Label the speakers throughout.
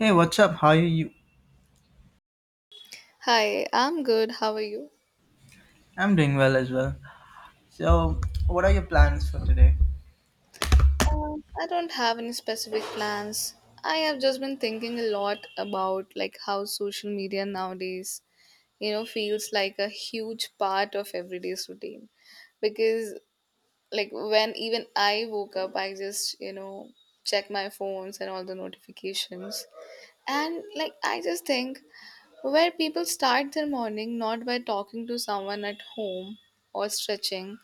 Speaker 1: Hey, what's up? How are you?
Speaker 2: Hi, I'm good. How are you?
Speaker 1: I'm doing well as well. So, what are your plans for today?
Speaker 2: I don't have any specific plans. I have just been thinking a lot about like how social media nowadays, you know, feels like a huge part of everyday's routine. Because like when even I woke up, I just, you know, check my phones and all the notifications. And like I just think where people start their morning not by talking to someone at home or stretching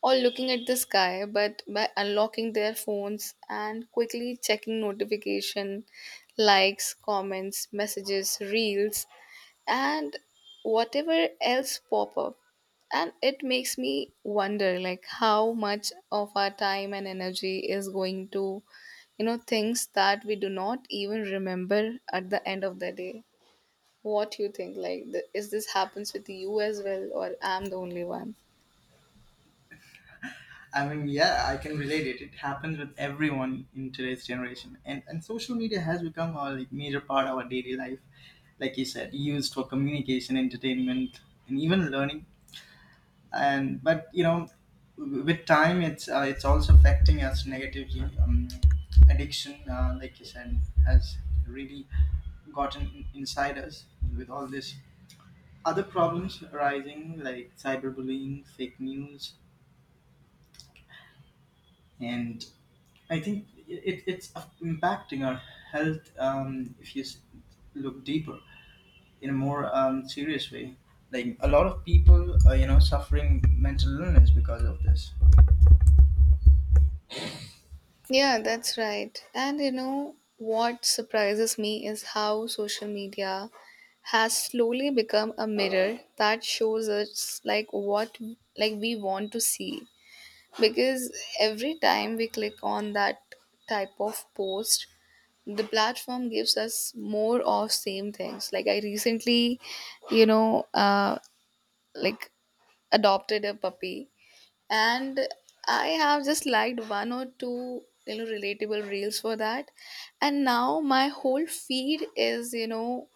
Speaker 2: or looking at the sky, but by unlocking their phones and quickly checking notification, likes, comments, messages, reels, and whatever else pop up. And it makes me wonder like how much of our time and energy is going to things that we do not even remember at the end of the day. What you think? Like, is this happens with you as well, or I'm the only one?
Speaker 1: I mean, yeah, I can relate it. It happens with everyone in today's generation, and social media has become a, like, major part of our daily life. Like you said, used for communication, entertainment, and even learning. And but you know, with time, it's also affecting us negatively. Addiction, like you said, has really gotten inside us, with all this other problems arising like cyberbullying, fake news, and I think it's impacting our health, if you look deeper in a more serious way. Like a lot of people are, you know, suffering mental illness because of this.
Speaker 2: Yeah, that's right. And you know what surprises me is how social media has slowly become a mirror that shows us like what like we want to see, because every time we click on that type of post the platform gives us more of same things. Like I recently, you know uh like, adopted a puppy, and I have just liked one or two, you know, relatable reels for that, and now my whole feed is, you know,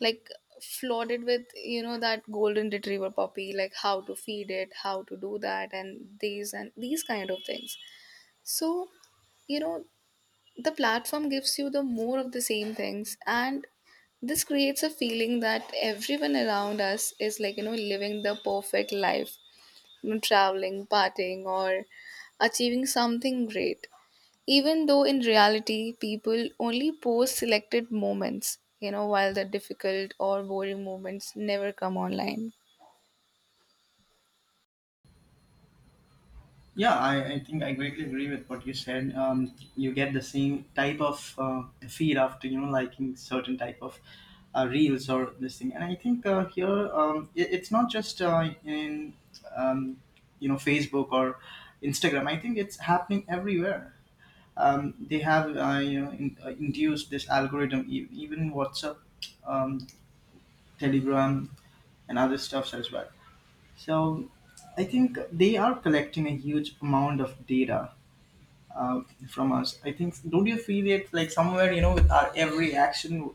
Speaker 2: like, flooded with, you know, that golden retriever puppy, like how to feed it, how to do that, and these kind of things. So, you know, the platform gives you the more of the same things, and this creates a feeling that everyone around us is, like, you know, living the perfect life, you know, traveling, partying, or achieving something great. Even though in reality, people only post selected moments, you know, while the difficult or boring moments never come online.
Speaker 1: Yeah, I think I greatly agree with what you said. You get the same type of feed after you know liking certain type of reels or this thing, and I think here, it's not just in um, you know, Facebook or Instagram. I think it's happening everywhere. They have you know induced this algorithm, even WhatsApp, um, Telegram, and other stuffs as well. So I think they are collecting a huge amount of data uh, from us. I think, don't you feel it like somewhere, you know, with our every action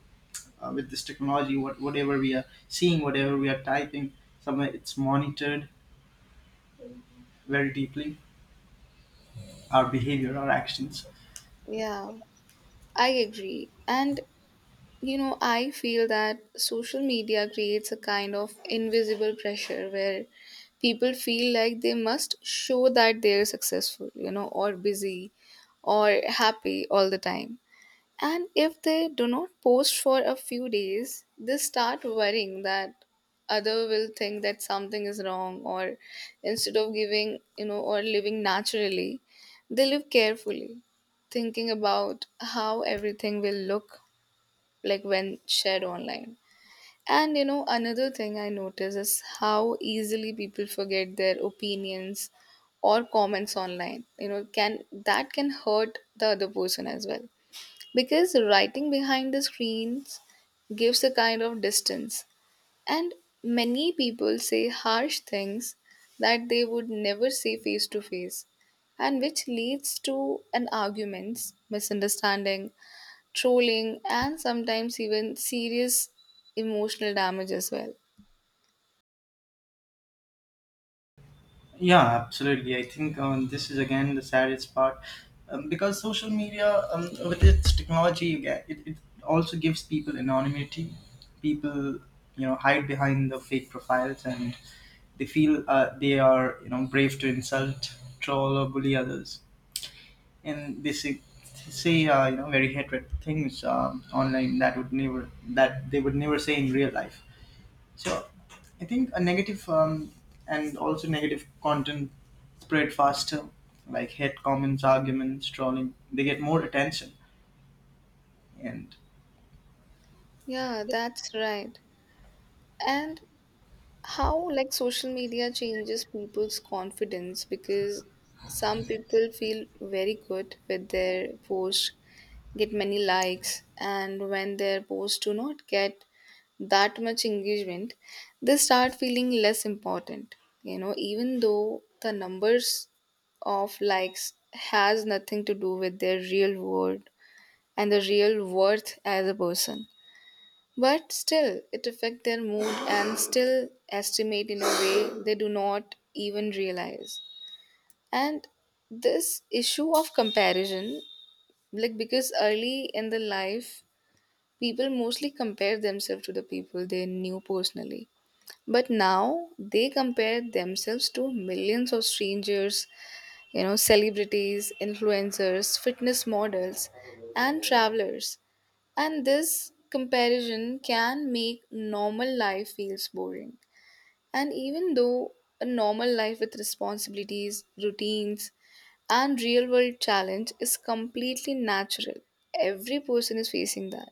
Speaker 1: with this technology, whatever we are seeing, whatever we are typing, somewhere it's monitored very deeply, our behavior, our actions.
Speaker 2: Yeah, I agree. And you know, I feel that social media creates a kind of invisible pressure where people feel like they must show that they're successful, you know, or busy or happy all the time. And if they do not post for a few days, they start worrying that other will think that something is wrong, or instead of giving, you know, or living naturally, they live carefully, thinking about how everything will look like when shared online. And you know, another thing I notice is how easily people forget their opinions or comments online. You know, can that can hurt the other person as well, because writing behind the screens gives a kind of distance, and many people say harsh things that they would never say face to face, and which leads to an arguments, misunderstanding, trolling, and sometimes even serious emotional damage as well.
Speaker 1: Yeah, absolutely. I think this is again the saddest part, because social media, with its technology, it also gives people anonymity. People, you know, hide behind the fake profiles, and they feel they are, you know, brave to insult, troll, or bully others. And they say, you know, very hatred things online that they would never say in real life. So I think a negative, and also negative content spread faster, like hate comments, arguments, trolling. They get more attention. And
Speaker 2: Yeah, that's right. And how like social media changes people's confidence, because some people feel very good with their post get many likes, and when their posts do not get that much engagement, they start feeling less important, you know, even though the numbers of likes has nothing to do with their real world and the real worth as a person. But still, it affects their mood and still estimate in a way they do not even realize. And this issue of comparison, like because early in the life, people mostly compare themselves to the people they knew personally. But now they compare themselves to millions of strangers, you know, celebrities, influencers, fitness models, and travelers. And this comparison can make normal life feels boring. And even though a normal life with responsibilities, routines, and real world challenge is completely natural, every person is facing that.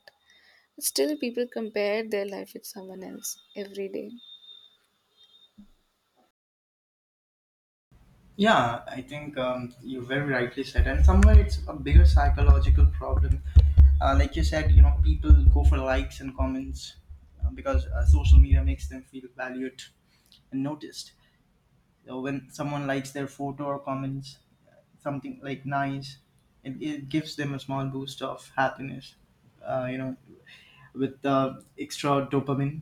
Speaker 2: But still, people compare their life with someone else every day.
Speaker 1: yeah, I think you very rightly said. And somewhere it's a bigger psychological problem. Like you said, you know, people go for likes and comments because social media makes them feel valued and noticed. So when someone likes their photo or comments something like nice, it gives them a small boost of happiness, you know, with the extra dopamine,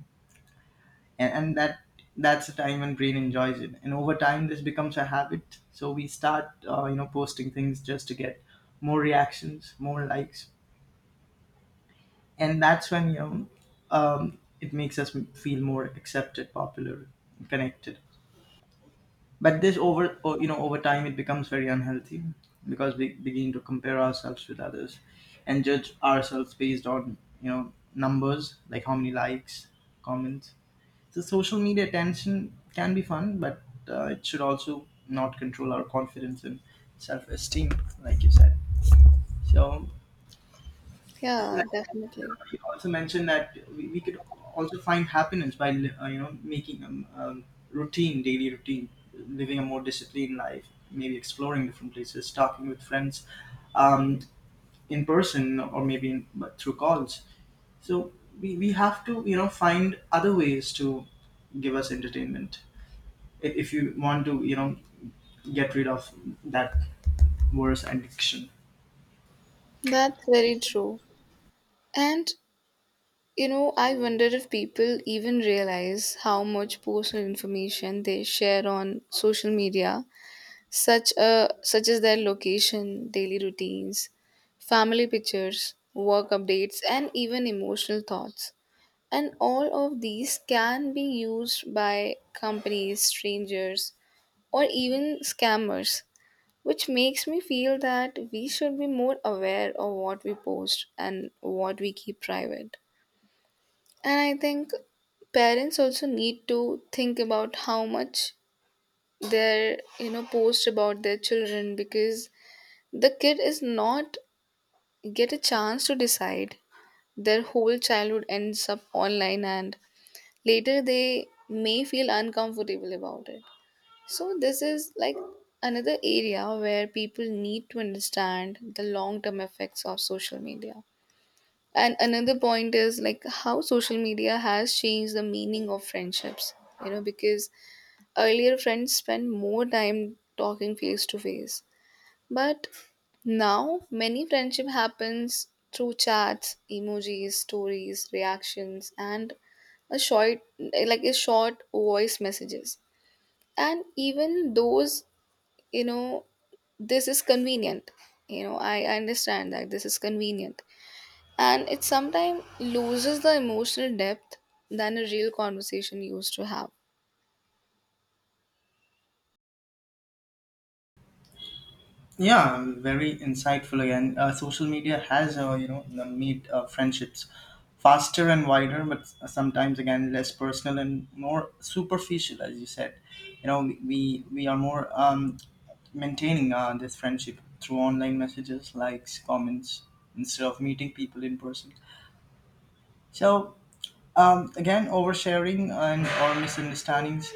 Speaker 1: and that's the time when brain enjoys it. And over time this becomes a habit, so we start you know posting things just to get more reactions, more likes. And that's when you know, it makes us feel more accepted, popular, connected. But this you know over time it becomes very unhealthy, because we begin to compare ourselves with others and judge ourselves based on you know numbers, like how many likes, comments. So social media attention can be fun, but it should also not control our confidence and self-esteem, like you said. So uh,
Speaker 2: Yeah, definitely.
Speaker 1: he also mentioned that we could also find happiness by you know making, routine, daily routine, living a more disciplined life, maybe exploring different places, talking with friends um, in person or maybe in, but through calls. So we have to you know find other ways to give us entertainment, if you want to you know get rid of that worse addiction.
Speaker 2: That's very true. And you know, I wonder if people even realize how much personal information they share on social media, such as their location, daily routines, family pictures, work updates, and even emotional thoughts. And all of these can be used by companies, strangers, or even scammers, which makes me feel that we should be more aware of what we post and what we keep private. And I think parents also need to think about how much their, you know, post about their children, because the kid is not get a chance to decide. Their whole childhood ends up online, and later they may feel uncomfortable about it. So this is like another area where people need to understand the long term effects of social media. And another point is like how social media has changed the meaning of friendships. You know, because earlier friends spent more time talking face to face, but now many friendship happens through chats, emojis, stories, reactions, and a short voice messages. And even those, you know, this is convenient. You know, I understand that this is convenient, and it sometimes loses the emotional depth than a real conversation used to have.
Speaker 1: Yeah, very insightful again. Social media has, you know, the made friendships faster and wider, but sometimes again less personal and more superficial, as you said. You know, we are more maintaining this friendship through online messages, likes, comments, instead of meeting people in person. So again, oversharing and or misunderstandings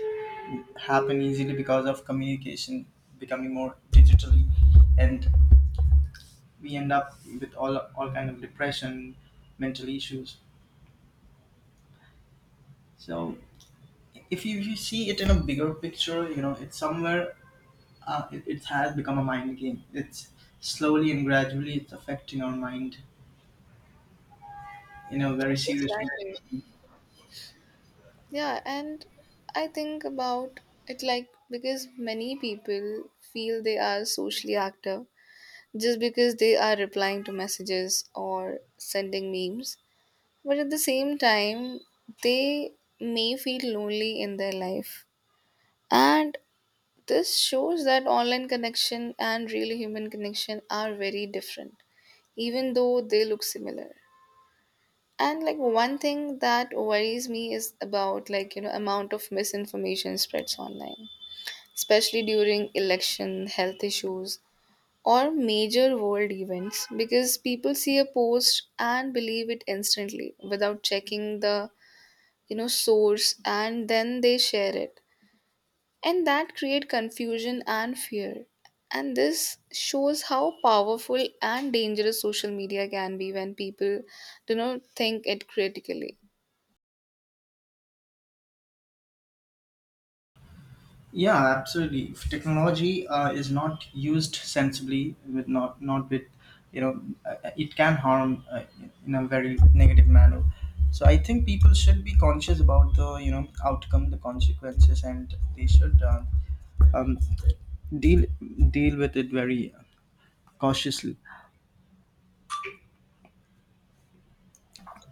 Speaker 1: happen easily because of communication becoming more digitally, and we end up with all kind of depression, mental issues. So if you see it in a bigger picture, you know it's somewhere, it has become a mind game. It's slowly and gradually it's affecting our mind in a very serious.
Speaker 2: Exactly. Yeah, and I think about it like because many people feel they are socially active just because they are replying to messages or sending memes, but at the same time, they may feel lonely in their life. And this shows that online connection and real human connection are very different, even though they look similar. And like one thing that worries me is about like you know amount of misinformation spreads online, especially during election, health issues, or major world events, because people see a post and believe it instantly without checking the, you know, source, and then they share it, and that create confusion and fear. And this shows how powerful and dangerous social media can be when people do not think it critically.
Speaker 1: Yeah, absolutely. If technology is not used sensibly, with not not with you know, it can harm in a very negative manner. So I think people should be conscious about the you know outcome, the consequences, and they should um, deal deal with it very cautiously.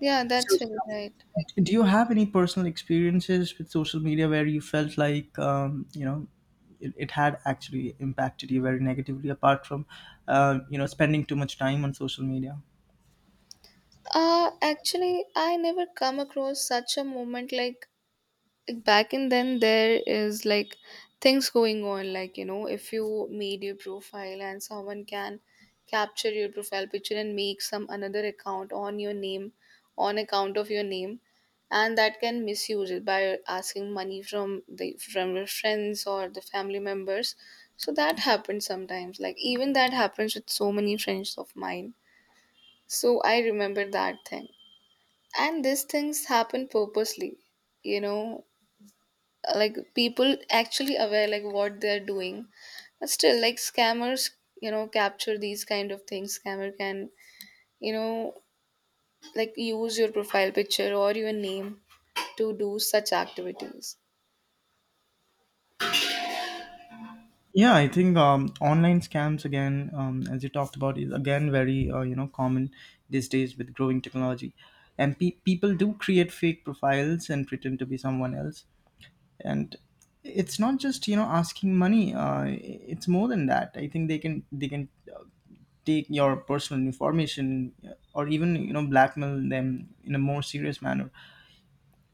Speaker 2: Yeah, that's
Speaker 1: So
Speaker 2: very right.
Speaker 1: do you have any personal experiences with social media where you felt like you know it had actually impacted you very negatively, apart from you know spending too much time on social media?
Speaker 2: Actually I never come across such a moment. Like back in then there is like things going on, like you know, if you made your profile and someone can capture your profile picture and make some another account on your name, on account of your name, and that can misuse it by asking money from the from your friends or the family members. So that happens sometimes, like even that happens with so many friends of mine, so I remember that thing. And these things happen purposely, you know, like people actually aware like what they're doing, but still like scammers, you know, capture these kind of things. Scammer can, you know, like use your profile picture or your name to do such activities.
Speaker 1: Yeah, I think online scams again, as you talked about, is again very you know common these days with growing technology, and people do create fake profiles and pretend to be someone else. And it's not just you know asking money, it's more than that. I think they can uh, take your personal information, or even you know blackmail them in a more serious manner.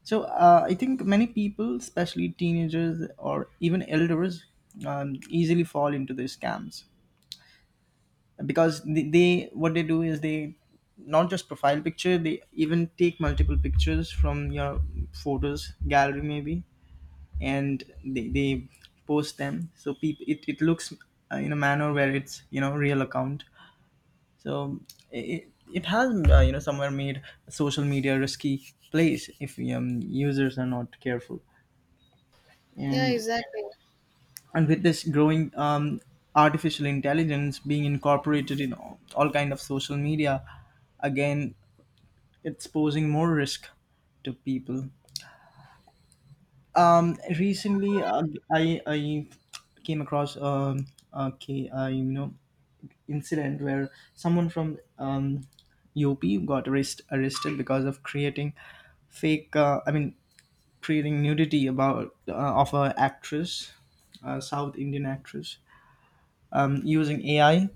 Speaker 1: So I think many people, especially teenagers or even elders, easily fall into these scams, because they what they do is they not just profile picture, they even take multiple pictures from your photos gallery maybe, and they post them. So people, it looks in a manner where it's you know real account. So it has you know somewhere made social media a risky place if users are not careful.
Speaker 2: Yeah,
Speaker 1: and
Speaker 2: exactly.
Speaker 1: and with this growing artificial intelligence being incorporated in all kind of social media, again it's posing more risk to people. Recently, I came across okay you know, incident where someone from UP got arrested because of creating fake, I mean creating nudity about of a actress, a South Indian actress, using AI.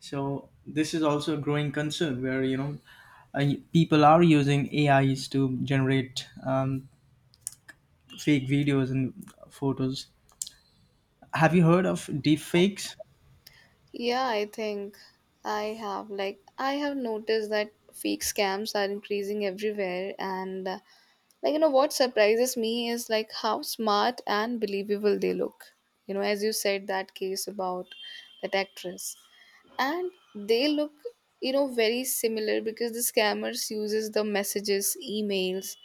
Speaker 1: So this is also a growing concern where you know uh, people are using AIs to generate fake videos and photos. Have you heard of deep fakes?
Speaker 2: Yeah, I think I have noticed that fake scams are increasing everywhere, and like, you know, what surprises me is like how smart and believable they look. You know, as you said that case about that actress. And they look, you know, very similar, because the scammers uses the messages, emails,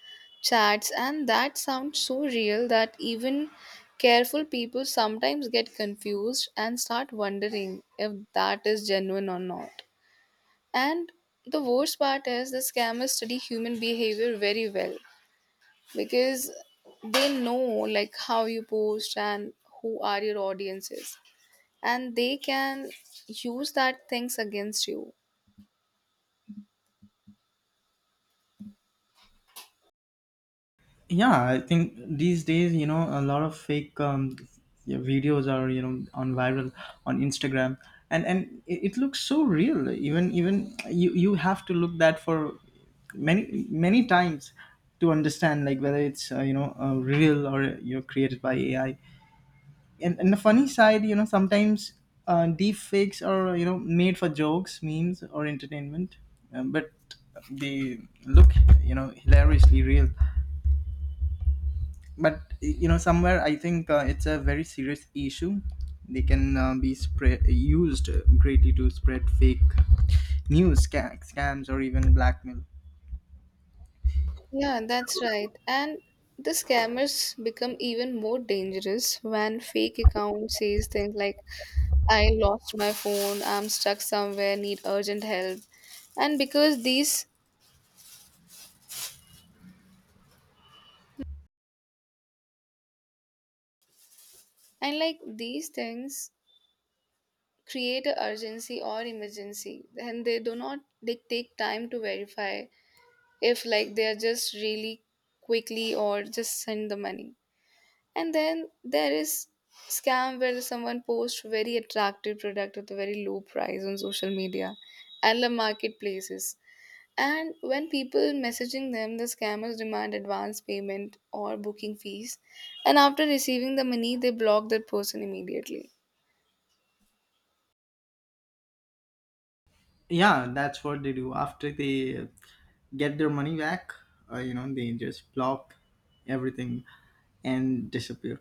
Speaker 2: chats, and that sounds so real that even careful people sometimes get confused and start wondering if that is genuine or not. And the worst part is the scammers study human behavior very well, because they know like how you post and who are your audiences, and they can use that things against you.
Speaker 1: Yeah, I think these days you know a lot of fake yeah, videos are you know on viral on Instagram. And it looks so real, even you have to look that for many many times to understand like whether it's you know real or you're created by AI. And the funny side, you know, sometimes deep fakes are you know made for jokes, memes, or entertainment, but they look you know hilariously real. But you know somewhere I think it's a very serious issue. They can be spread used greatly to spread fake news, scams, or even blackmail.
Speaker 2: Yeah, that's right. And the scammers become even more dangerous when fake account says things like I lost my phone, I'm stuck somewhere, need urgent help. And because these, and like these things create a urgency or emergency, and they do not they take time to verify. If like they are just really quickly or just send the money. And then there is scam where someone posts very attractive product at a very low price on social media and the marketplaces, and when people messaging them, the scammers demand advance payment or booking fees, and after receiving the money they block that person immediately.
Speaker 1: Yeah, that's what they do. After they get their money back, you know, they just block everything and disappear.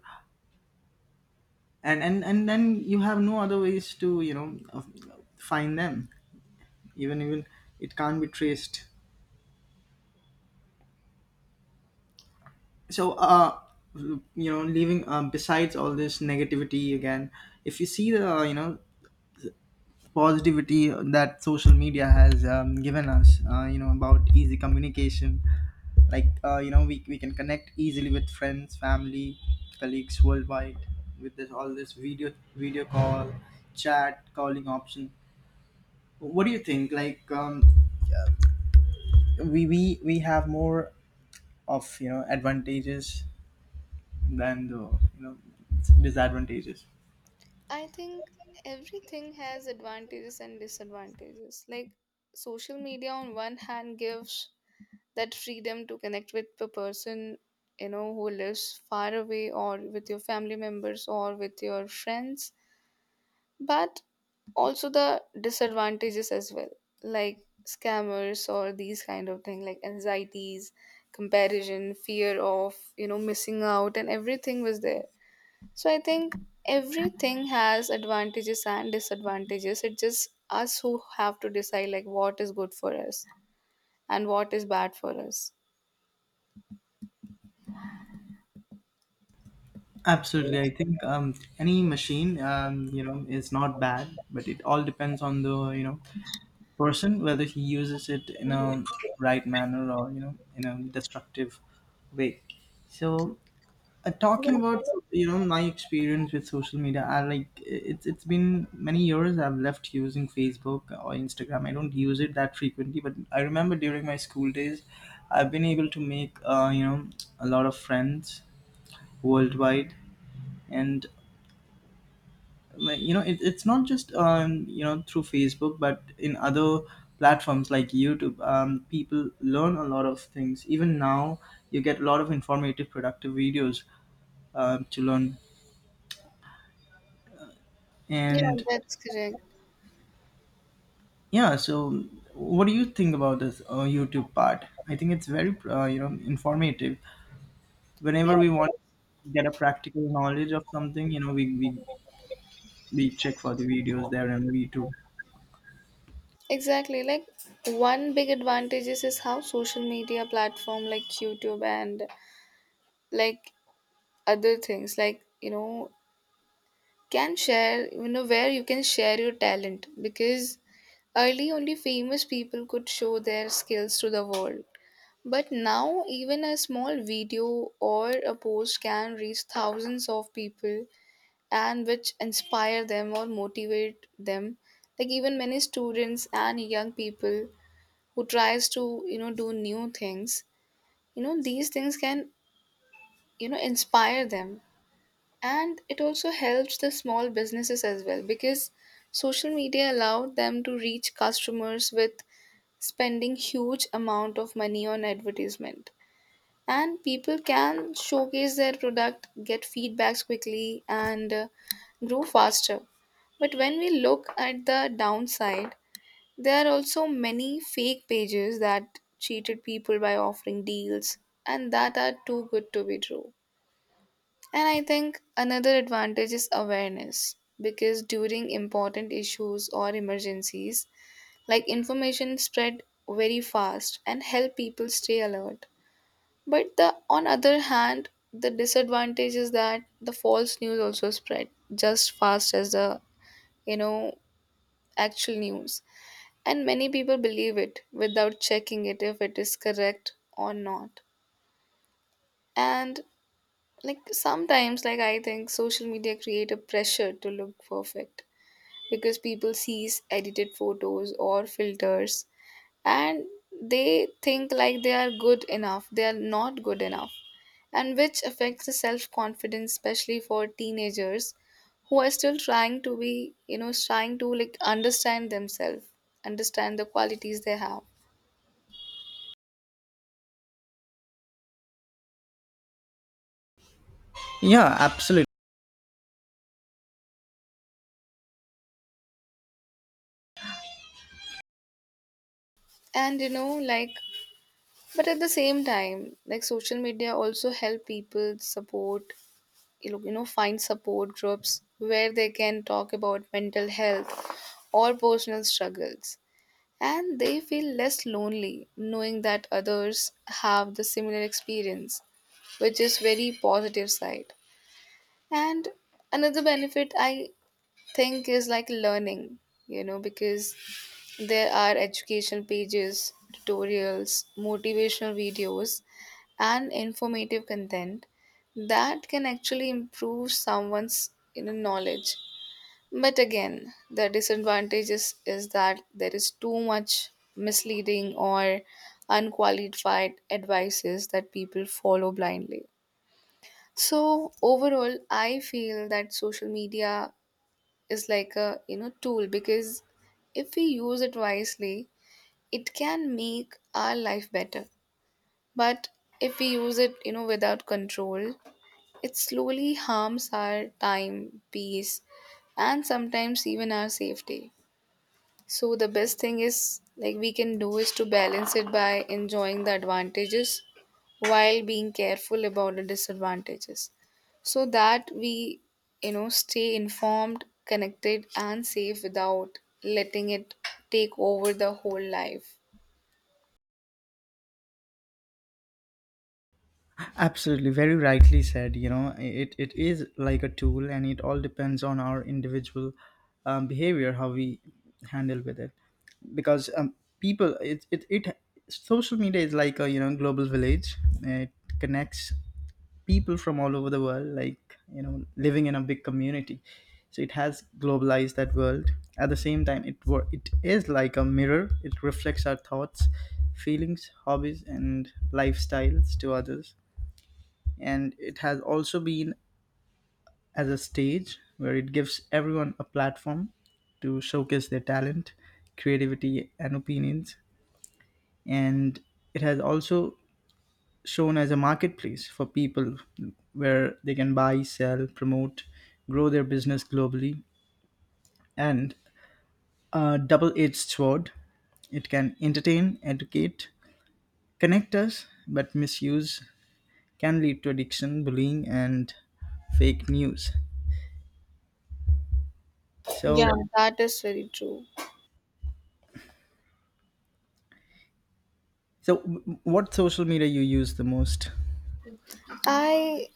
Speaker 1: And then you have no other ways to you know find them. Even it can't be traced. So, you know, leaving besides all this negativity, again, if you see the you know positivity that social media has given us, you know, about easy communication, like you know, we can connect easily with friends, family, colleagues worldwide, with this all this video call, chat, calling option. What do you think? Like, we have more of you know advantages than the you know disadvantages.
Speaker 2: I think everything has advantages and disadvantages. Like social media on one hand gives that freedom to connect with a person, you know, who lives far away, or with your family members or with your friends, but also the disadvantages as well, like scammers or these kind of thing, like anxieties, comparison, fear of, you know, missing out, and everything was there. So I think everything has advantages and disadvantages. It's just us who have to decide like what is good for us and what is bad for us.
Speaker 1: Absolutely, I think any machine you know is not bad, but it all depends on the you know person, whether he uses it in a right manner or you know in a destructive way. So talking about you know my experience with social media, I like it's been many years I've left using Facebook or Instagram. I don't use it that frequently, but I remember during my school days, I've been able to make you know a lot of friends worldwide. And like, you know, it's not just you know through Facebook, but in other platforms like YouTube, people learn a lot of things. Even now you get a lot of informative, productive videos to learn.
Speaker 2: Yeah,
Speaker 1: And
Speaker 2: that's correct.
Speaker 1: yeah, so what do you think about this YouTube part? I think it's very you know informative. Whenever
Speaker 2: Yeah,
Speaker 1: we want to get a practical knowledge of something, you know, we check for the videos there on YouTube.
Speaker 2: exactly. Like one big advantage is how social media platform like YouTube and like other things like, you know, can share, you know, where you can share your talent, because early only famous people could show their skills to the world. But now, even a small video or a post can reach thousands of people, and which inspire them or motivate them. Like even many students and young people who tries to do new things, these things can inspire them, and it also helps the small businesses as well because social media allowed them to reach customers with spending huge amount of money on advertisement, and people can showcase their product, get feedbacks quickly, and grow faster. But when we look at the downside, there are also many fake pages that cheated people by offering deals and that are too good to be true. And I think another advantage is awareness because during important issues or emergencies, like, information spread very fast and help people stay alert. But the on other hand, the disadvantage is that the false news also spread just fast as the you know actual news, and many people believe it without checking it if it is correct or not. And like sometimes, like I think social media create a pressure to look perfect because people sees edited photos or filters, and they think like they are good enough they are not good enough, and which affects the self confidence, especially for teenagers who are still trying to be trying to like understand themselves, understand the qualities they have.
Speaker 1: Yeah, absolutely.
Speaker 2: And like, but at the same time, like, social media also help people support find support groups where they can talk about mental health or personal struggles. And they feel less lonely knowing that others have the similar experience, which is very positive side. And another benefit I think is like learning, because there are education pages, tutorials, motivational videos, and informative content that can actually improve someone's knowledge. But again, the disadvantage is that there is too much misleading or unqualified advices that people follow blindly. So overall, I feel that social media is like a tool because if we use it wisely, it can make our life better. But if we use it without control, it slowly harms our time, peace, and sometimes even our safety. So the best thing is like we can do is to balance it by enjoying the advantages while being careful about the disadvantages so that we stay informed, connected and safe without letting it take over the whole life.
Speaker 1: Absolutely, very rightly said. You know, it is like a tool, and it all depends on our individual behavior, how we handle with it. Because people, it social media is like a you know global village. It connects people from all over the world, like, you know, living in a big community. So it has globalized that world. At the same time, it is like a mirror. It reflects our thoughts, feelings, hobbies, and lifestyles to others. And it has also been as a stage, where it gives everyone a platform to showcase their talent, creativity, and opinions. And it has also shown as a marketplace for people, where they can buy, sell, promote, grow their business globally, and a double edged sword. It can entertain, educate, connect us, but misuse can lead to addiction, bullying, and fake news.
Speaker 2: Yeah,
Speaker 1: So,
Speaker 2: sure, that is very true.
Speaker 1: So, what social media you use the most?
Speaker 2: I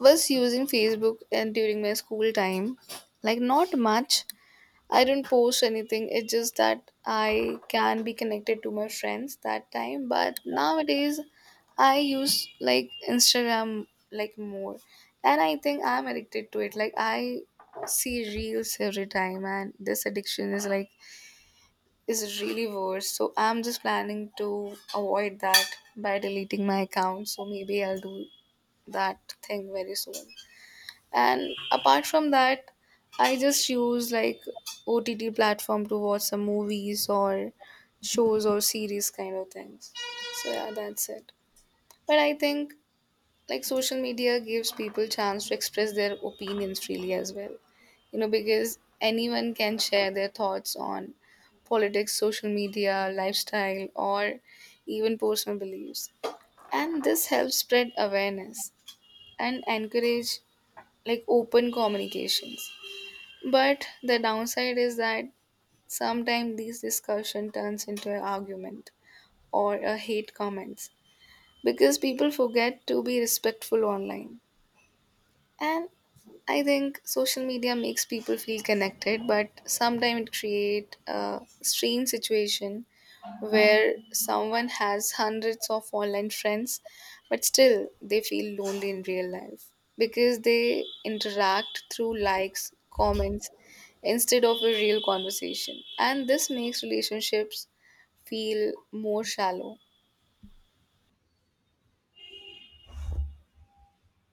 Speaker 2: was using Facebook and during my school time, like, not much. I don't post anything. It's just that I can be connected to my friends that time. But nowadays, I use like Instagram like more, and I think I'm addicted to it. Like I see reels every time, and this addiction is like is really worse. So I'm just planning to avoid that by deleting my account. So maybe I'll do that thing very soon. And apart from that, I just use like OTT platform to watch some movies or shows or series kind of things. So yeah, that's it. But I think like social media gives people chance to express their opinions freely as well. Because anyone can share their thoughts on politics, social media, lifestyle, or even personal beliefs. And this helps spread awareness and encourage like open communications. But the downside is that sometimes these discussion turns into an argument or a hate comments because people forget to be respectful online. And I think social media makes people feel connected, but sometimes it create a strange situation where someone has hundreds of online friends, but still they feel lonely in real life because they interact through likes, comments instead of a real conversation, and this makes relationships feel more shallow.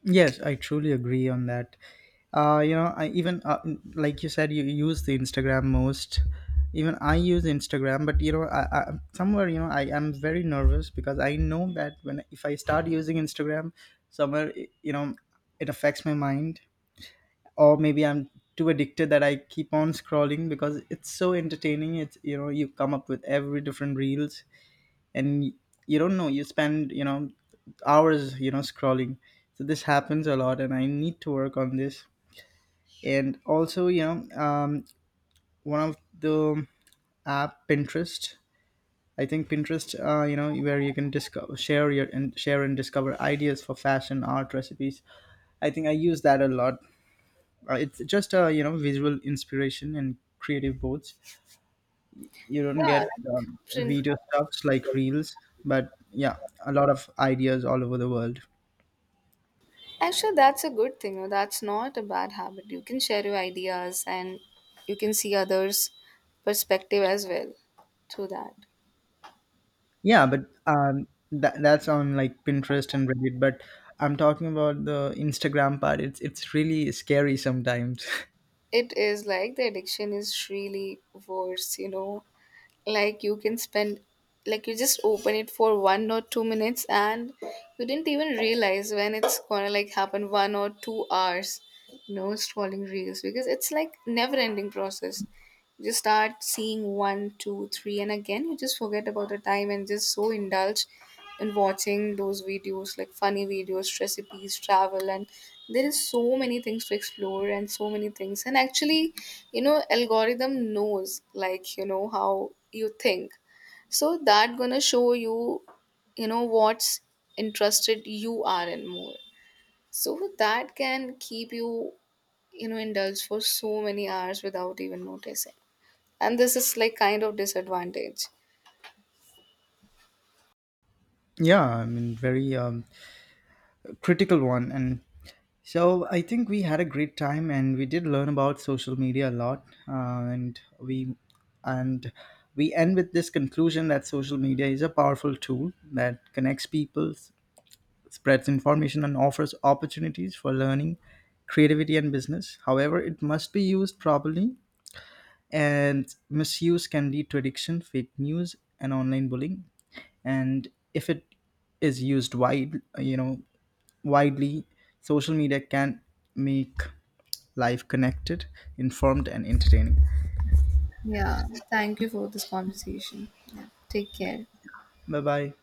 Speaker 1: Yes, I truly agree on that. You know, I even like you said, you use the Instagram most. Even I use Instagram, but you know, I somewhere, you know, I am very nervous, because I know that when if I start using Instagram, somewhere you know it affects my mind, or maybe I'm too addicted that I keep on scrolling because it's so entertaining. It's, you know, you come up with every different reels, and you don't know you spend you know hours you know scrolling. So this happens a lot, and I need to work on this. And also you know, one of the app, Pinterest. I think Pinterest you know, where you can discover share your and share and discover ideas for fashion, art, recipes. I think I use that a lot. It's just a you know visual inspiration and creative boards. You don't
Speaker 2: Yeah,
Speaker 1: get
Speaker 2: like, friend.
Speaker 1: video stuffs like reels. But yeah, a lot of ideas all over the world.
Speaker 2: Actually, that's a good thing. No, that's not a bad habit. You can share your ideas, and you can see others' perspective as well through that.
Speaker 1: Yeah, but that's on like Pinterest and Reddit, but I'm talking about the Instagram part. It's really scary sometimes.
Speaker 2: It is like the addiction is really worse. Like you can spend, like you just open it for 1 or 2 minutes, and you didn't even realize when it's gonna like happen 1 or 2 hours scrolling reels, because it's like never ending process. You just start seeing one two three, and again you just forget about the time and just so indulge in watching those videos like funny videos, recipes, travel, and there is so many things to explore and so many things. And actually, algorithm knows, like, how you think, so that gonna show you you know what's interested you are in more, so that can keep you you know indulged for so many hours without even noticing. And this is like kind of disadvantage.
Speaker 1: Yeah, I mean, very critical one. And so I think we had a great time, and we did learn about social media a lot, and we end with this conclusion that social media is a powerful tool that connects people, spreads information, and offers opportunities for learning, creativity, and business. However, it must be used properly, and misuse can lead to addiction, fake news, and online bullying. And if it is used widely, social media can make life connected, informed, and entertaining.
Speaker 2: Yeah. Thank you for this conversation. Yeah. Take care.
Speaker 1: Bye bye.